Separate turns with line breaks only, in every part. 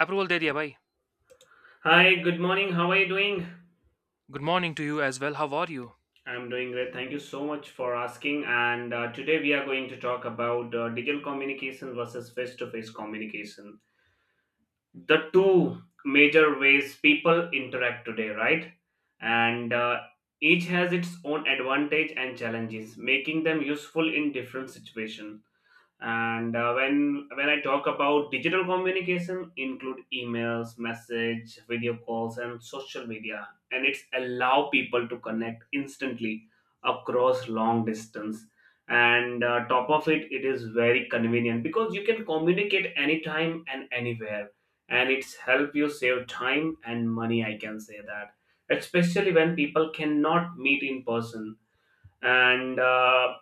Approval दे दिया भाई
Hi, good morning. How are you doing?
Good morning to you as well how are you.
I'm doing great. Thank you so much for asking. And Today we are going to talk about digital communication versus face to face communication. The two major ways people interact today, right? And each has its own advantage and challenges, making them useful in different situations. And When I talk about digital communication include emails message video calls and social media and it's allow people to connect instantly across long distance. And top of it, it is very convenient because you can communicate anytime and anywhere, and it's help you save time and money, I can say that, especially when people cannot meet in person. And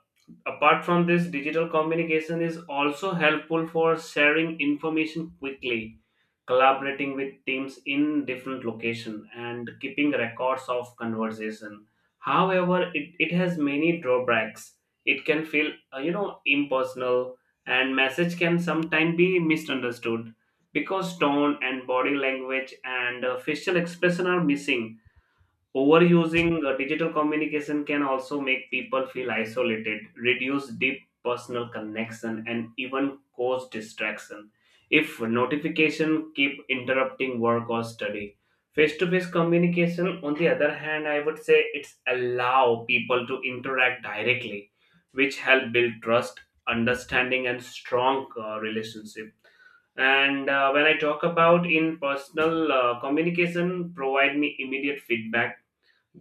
Apart from this, digital communication is also helpful for sharing information quickly, collaborating with teams in different location, and keeping records of conversation. However, it has many drawbacks. It can feel impersonal, and message can sometimes be misunderstood because tone and body language and facial expression are missing. Overusing digital communication can also make people feel isolated, reduce deep personal connection, and even cause distraction. If notification keep interrupting work or study, face-to-face communication, on the other hand, I would say it's allow people to interact directly, which help build trust, understanding, and strong relationship. And When I talk about in personal communication provide me immediate feedback,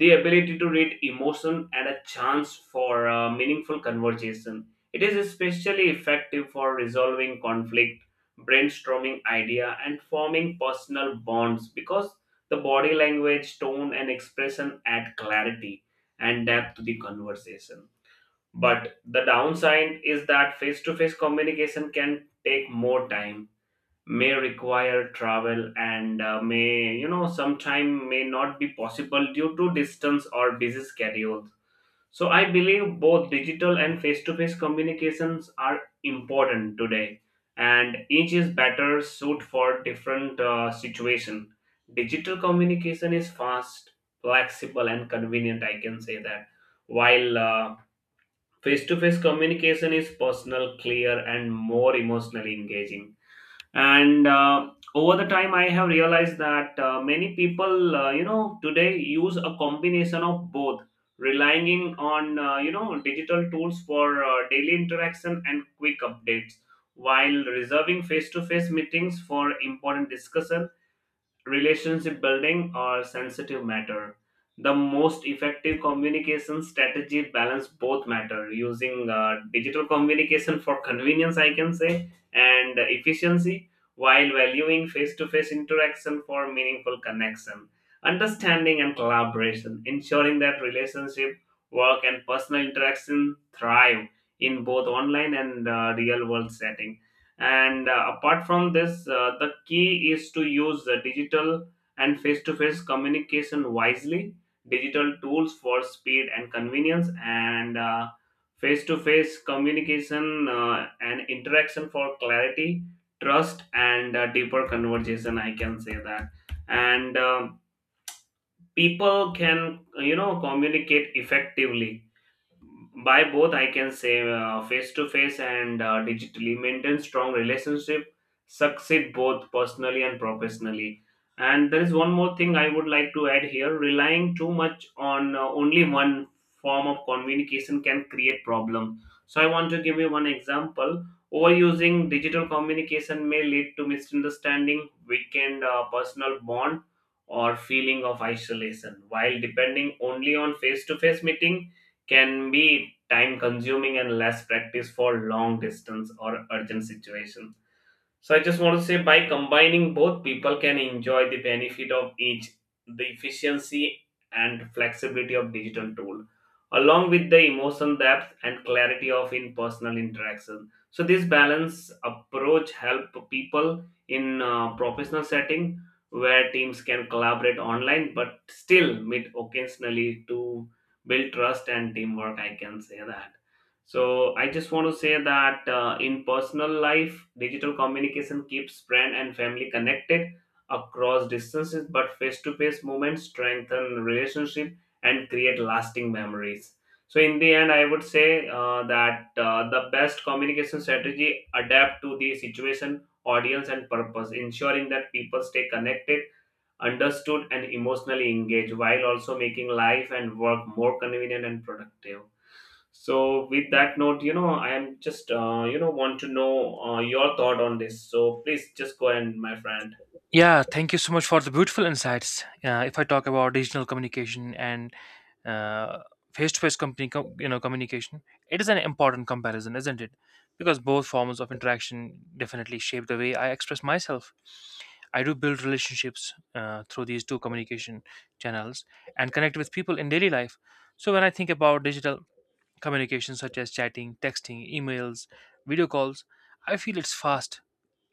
the ability to read emotion and a chance for meaningful conversation. It is especially effective for resolving conflict, brainstorming idea, and forming personal bonds because the body language, tone, and expression add clarity and depth to the conversation. But the downside is that face to face communication can take more time, may require travel, and may, sometime may not be possible due to distance or busy schedules. So I believe both digital and face-to-face communications are important today, and each is better suited for different situation. Digital communication is fast, flexible and convenient, I can say that, while face-to-face communication is personal, clear and more emotionally engaging. And Over the time I have realized that many people, today, use a combination of both, relying on digital tools for daily interaction and quick updates, while reserving face to face meetings for important discussion, relationship building or sensitive matter. The most effective communication strategy balance both matter, using digital communication for convenience, I can say, and efficiency, while valuing face-to-face interaction for meaningful connection, understanding and collaboration, ensuring that relationship, work and personal interaction thrive in both online and real world setting. And Apart from this, the key is to use the digital and face to face communication wisely, digital tools for speed and convenience, and face to face communication and interaction for clarity, trust, and deeper conversation. I can say that. And people can, communicate effectively by both, I can say, face to face and digitally, maintain strong relationship, succeed both personally and professionally. And there is one more thing I would like to add here. Relying too much on only one form of communication can create problem. So I want to give you one example. Overusing digital communication may lead to misunderstanding, weakened personal bond or feeling of isolation, while depending only on face to face meeting can be time consuming and less practice for long distance or urgent situations. So I just want to say, by combining both, people can enjoy the benefit of each, the efficiency and flexibility of digital tool, along with the emotion depth and clarity of in-personal interaction. So this balance approach help people in professional setting where teams can collaborate online but still meet occasionally to build trust and teamwork. I can say that. So I just want to say that in personal life, digital communication keeps friend and family connected across distances, but face-to-face moments strengthen relationship and create lasting memories. So in the end, I would say that the best communication strategy adapt to the situation, audience, and purpose, ensuring that people stay connected, understood, and emotionally engaged, while also making life and work more convenient and productive. So, with that note, I am just, want to know your thought on this. So, please just go ahead, my friend.
Yeah, thank you so much for the beautiful insights. If I talk about digital communication and uh, face-to-face company, com- you know, communication, it is an important comparison, isn't it? Because both forms of interaction definitely shape the way I express myself. I do build relationships through these two communication channels and connect with people in daily life. So when I think about digital communication such as chatting, texting, emails, video calls, I feel it's fast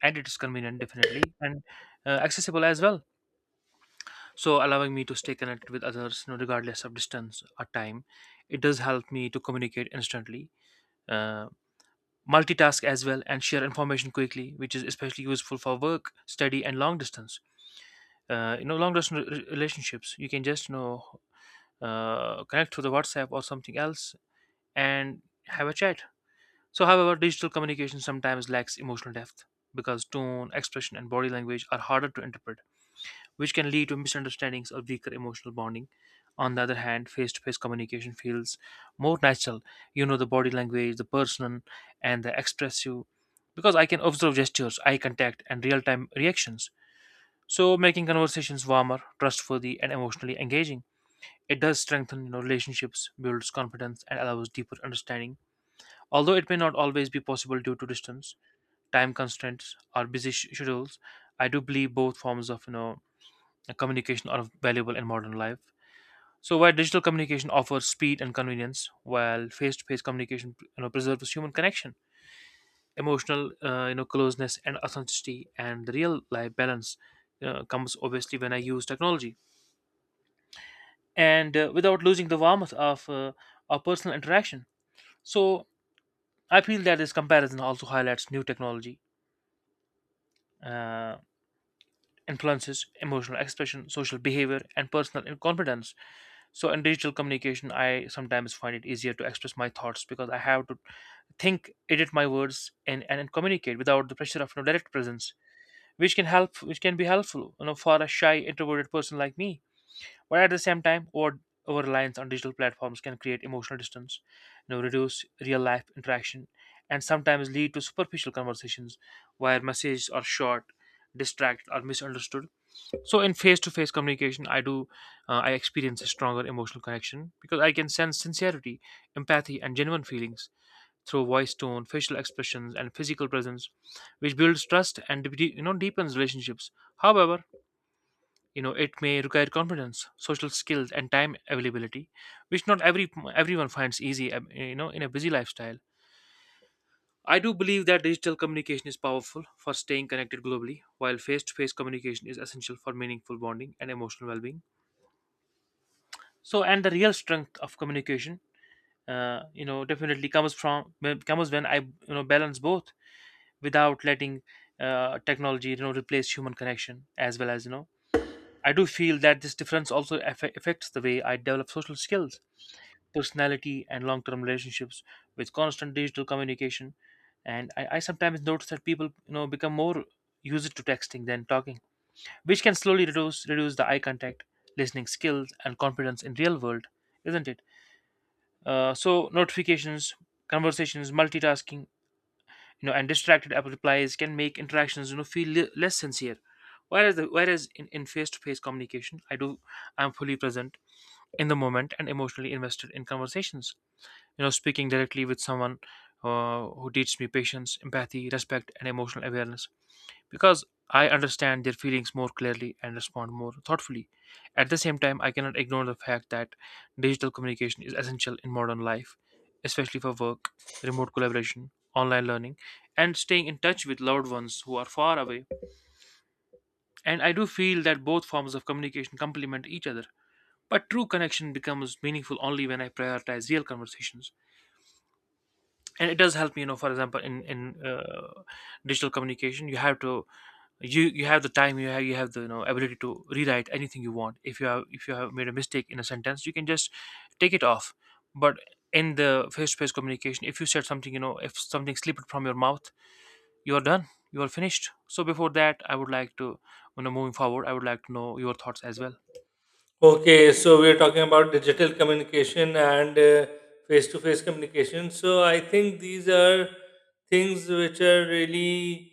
and it is convenient definitely and accessible as well. So allowing me to stay connected with others, you know, regardless of distance or time, it does help me to communicate instantly. Uh, Multitask as well and share information quickly, which is especially useful for work, study, and long distance, long distance relationships. You can just, you know, connect through the WhatsApp or something else and have a chat. So however, digital communication sometimes lacks emotional depth because tone, expression, and body language are harder to interpret, which can lead to misunderstandings or weaker emotional bonding. On the other hand, face-to-face communication feels more natural. You know, the body language, the person, and the expressive, because I can observe gestures, eye contact, and real-time reactions, so making conversations warmer, trustworthy, and emotionally engaging. It does strengthen, you know, relationships, builds confidence, and allows deeper understanding. Although it may not always be possible due to distance, time constraints, or busy schedules, I do believe both forms of, you know, communication are valuable in modern life. So while digital communication offers speed and convenience, while face-to-face communication, you know, preserves human connection, emotional, closeness and authenticity, and the real life balance, you know, comes obviously when I use technology and without losing the warmth of our personal interaction. So I feel that this comparison also highlights new technology uh, influences emotional expression, social behavior, and personal confidence. So in digital communication, I sometimes find it easier to express my thoughts because I have to think, edit my words, and communicate without the pressure of, you know, direct presence, which can be helpful, you know, for a shy, introverted person like me. But at the same time, over reliance on digital platforms can create emotional distance, you know, reduce real life interaction, and sometimes lead to superficial conversations where messages are short, distract, or misunderstood. So in face-to-face communication, I experience a stronger emotional connection because I can sense sincerity, empathy, and genuine feelings through voice tone, facial expressions, and physical presence, which builds trust and you know, deepens relationships. However, you know, it may require confidence, social skills, and time availability, which not everyone finds easy you know, in a busy lifestyle. I do believe that digital communication is powerful for staying connected globally, while face-to-face communication is essential for meaningful bonding and emotional well-being. So and the real strength of communication, you know, definitely comes when I, you know, balance both without letting technology, you know, replace human connection. As well, as you know, I do feel that this difference also affects the way I develop social skills, personality, and long-term relationships. With constant digital communication, and I sometimes notice that people, you know, become more used to texting than talking, which can slowly reduce the eye contact, listening skills, and confidence in real world, isn't it? So notifications, conversations, multitasking, you know, and distracted app replies can make interactions, you know, feel less sincere, whereas in face-to-face communication, I do, I'm fully present in the moment and emotionally invested in conversations, you know, speaking directly with someone who teaches me patience, empathy, respect, and emotional awareness, because I understand their feelings more clearly and respond more thoughtfully. At the same time, I cannot ignore the fact that digital communication is essential in modern life, especially for work, remote collaboration, online learning, and staying in touch with loved ones who are far away. And I do feel that both forms of communication complement each other, but true connection becomes meaningful only when I prioritize real conversations. And it does help me, you know, for example, in digital communication you have to, you have the time, you have the, you know, ability to rewrite anything you want. If you have, if you have made a mistake in a sentence, you can just take it off. But in the face-to-face communication, if you said something, you know, if something slipped from your mouth, you are done, you are finished. So before that, I would like to, you know, moving forward, I would like to know your thoughts as well.
Okay, so we are talking about digital communication and face to face communication. So I think these are things which are really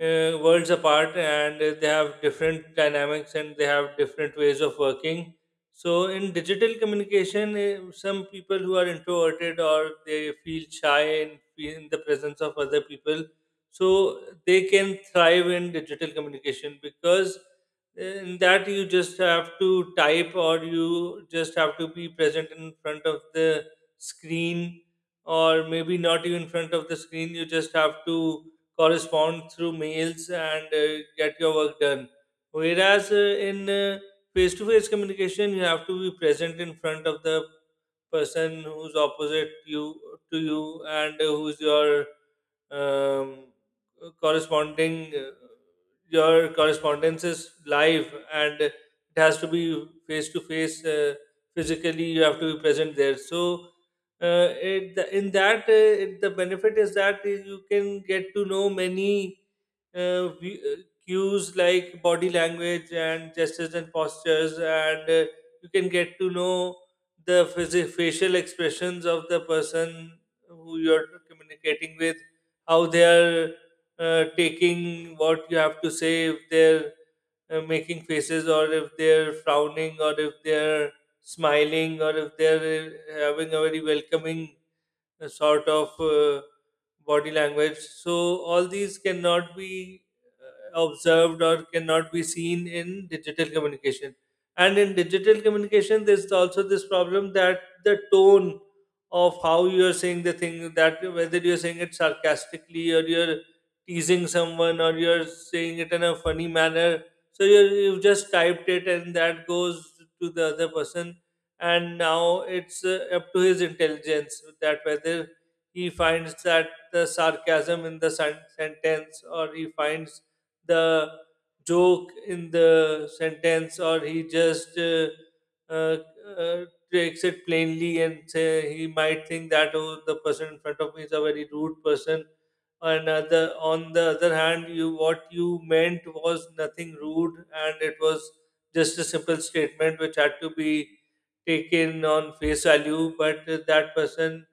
worlds apart, and they have different dynamics and they have different ways of working. So in digital communication, some people who are introverted or they feel shy in the presence of other people, so they can thrive in digital communication, because in that you just have to type or you just have to be present in front of the screen, or maybe not even in front of the screen, you just have to correspond through mails and get your work done, whereas in face-to-face communication, you have to be present in front of the person who's opposite you to you, and who's your um, corresponding your correspondence is live and it has to be face to face, physically you have to be present there. So it, in that it, the benefit is that you can get to know many uh, we- uh, cues like body language and gestures and postures, and you can get to know the facial expressions of the person who you're communicating with, how they are taking what you have to say, if they're making faces, or if they're frowning, or if they're smiling, or if they're having a very welcoming, a sort of body language. So all these cannot be observed or cannot be seen in digital communication. And in digital communication, there's also this problem that the tone of how you're saying the thing, that whether you're saying it sarcastically or you're teasing someone or you're saying it in a funny manner. So you've just typed it and that goes to the other person, and now it's up to his intelligence that whether he finds that the sarcasm in the sentence, or he finds the joke in the sentence, or he just uh, uh, takes it plainly and say he might think that oh, the person in front of me is a very rude person, and other, on the other hand, you, what you meant was nothing rude, and it was just a simple statement which had to be taken on face value, but that person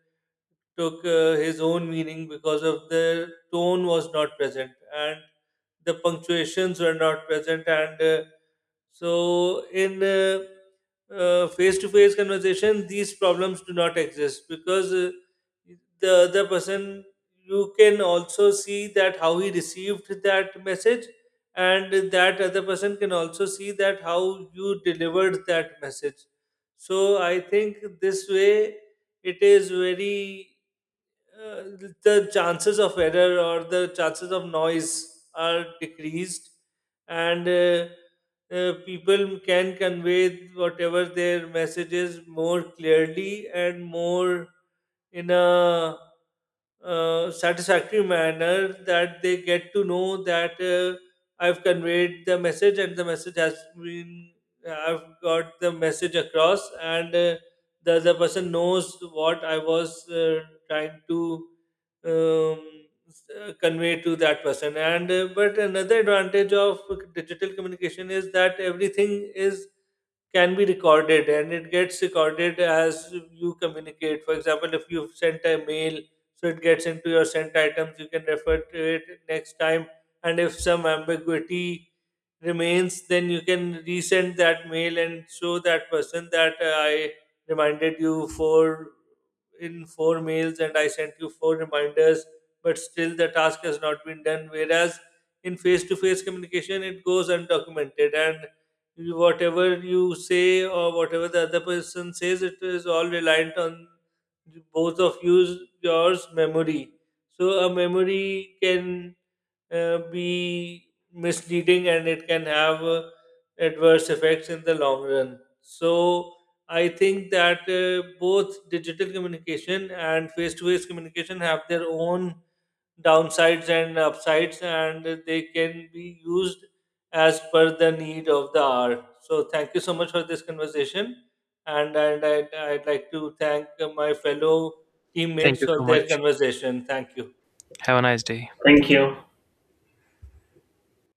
took his own meaning because of the tone was not present and the punctuations were not present. And so, in face to face conversation, these problems do not exist, because the other person, you can also see that how he received that message, and that other person can also see that how you delivered that message. So, I think this way it is very uh, the chances of error or the chances of noise are decreased, and people can convey whatever their messages more clearly and more in a satisfactory manner, that they get to know that I've conveyed the message and the message has been, I've got the message across, and the other person knows what I was trying to um, convey to that person. And but another advantage of digital communication is that everything is, can be recorded and it gets recorded as you communicate. For example, if you've sent a mail, so it gets into your sent items, you can refer to it next time. And if some ambiguity remains, then you can resend that mail and show that person that I reminded you for in four mails and I sent you four reminders, but still the task has not been done. Whereas in face to face communication, it goes undocumented, and whatever you say or whatever the other person says, it is all reliant on both of you, yours memory. So a memory can be misleading and it can have adverse effects in the long run. So I think that both digital communication and face to face communication have their own downsides and upsides, and they can be used as per the need of the hour. So, thank you so much for this conversation, and I'd like to thank my fellow
Thank
teammates
you so
for their
much.
conversation. Thank you.
Have a nice day.
Thank you.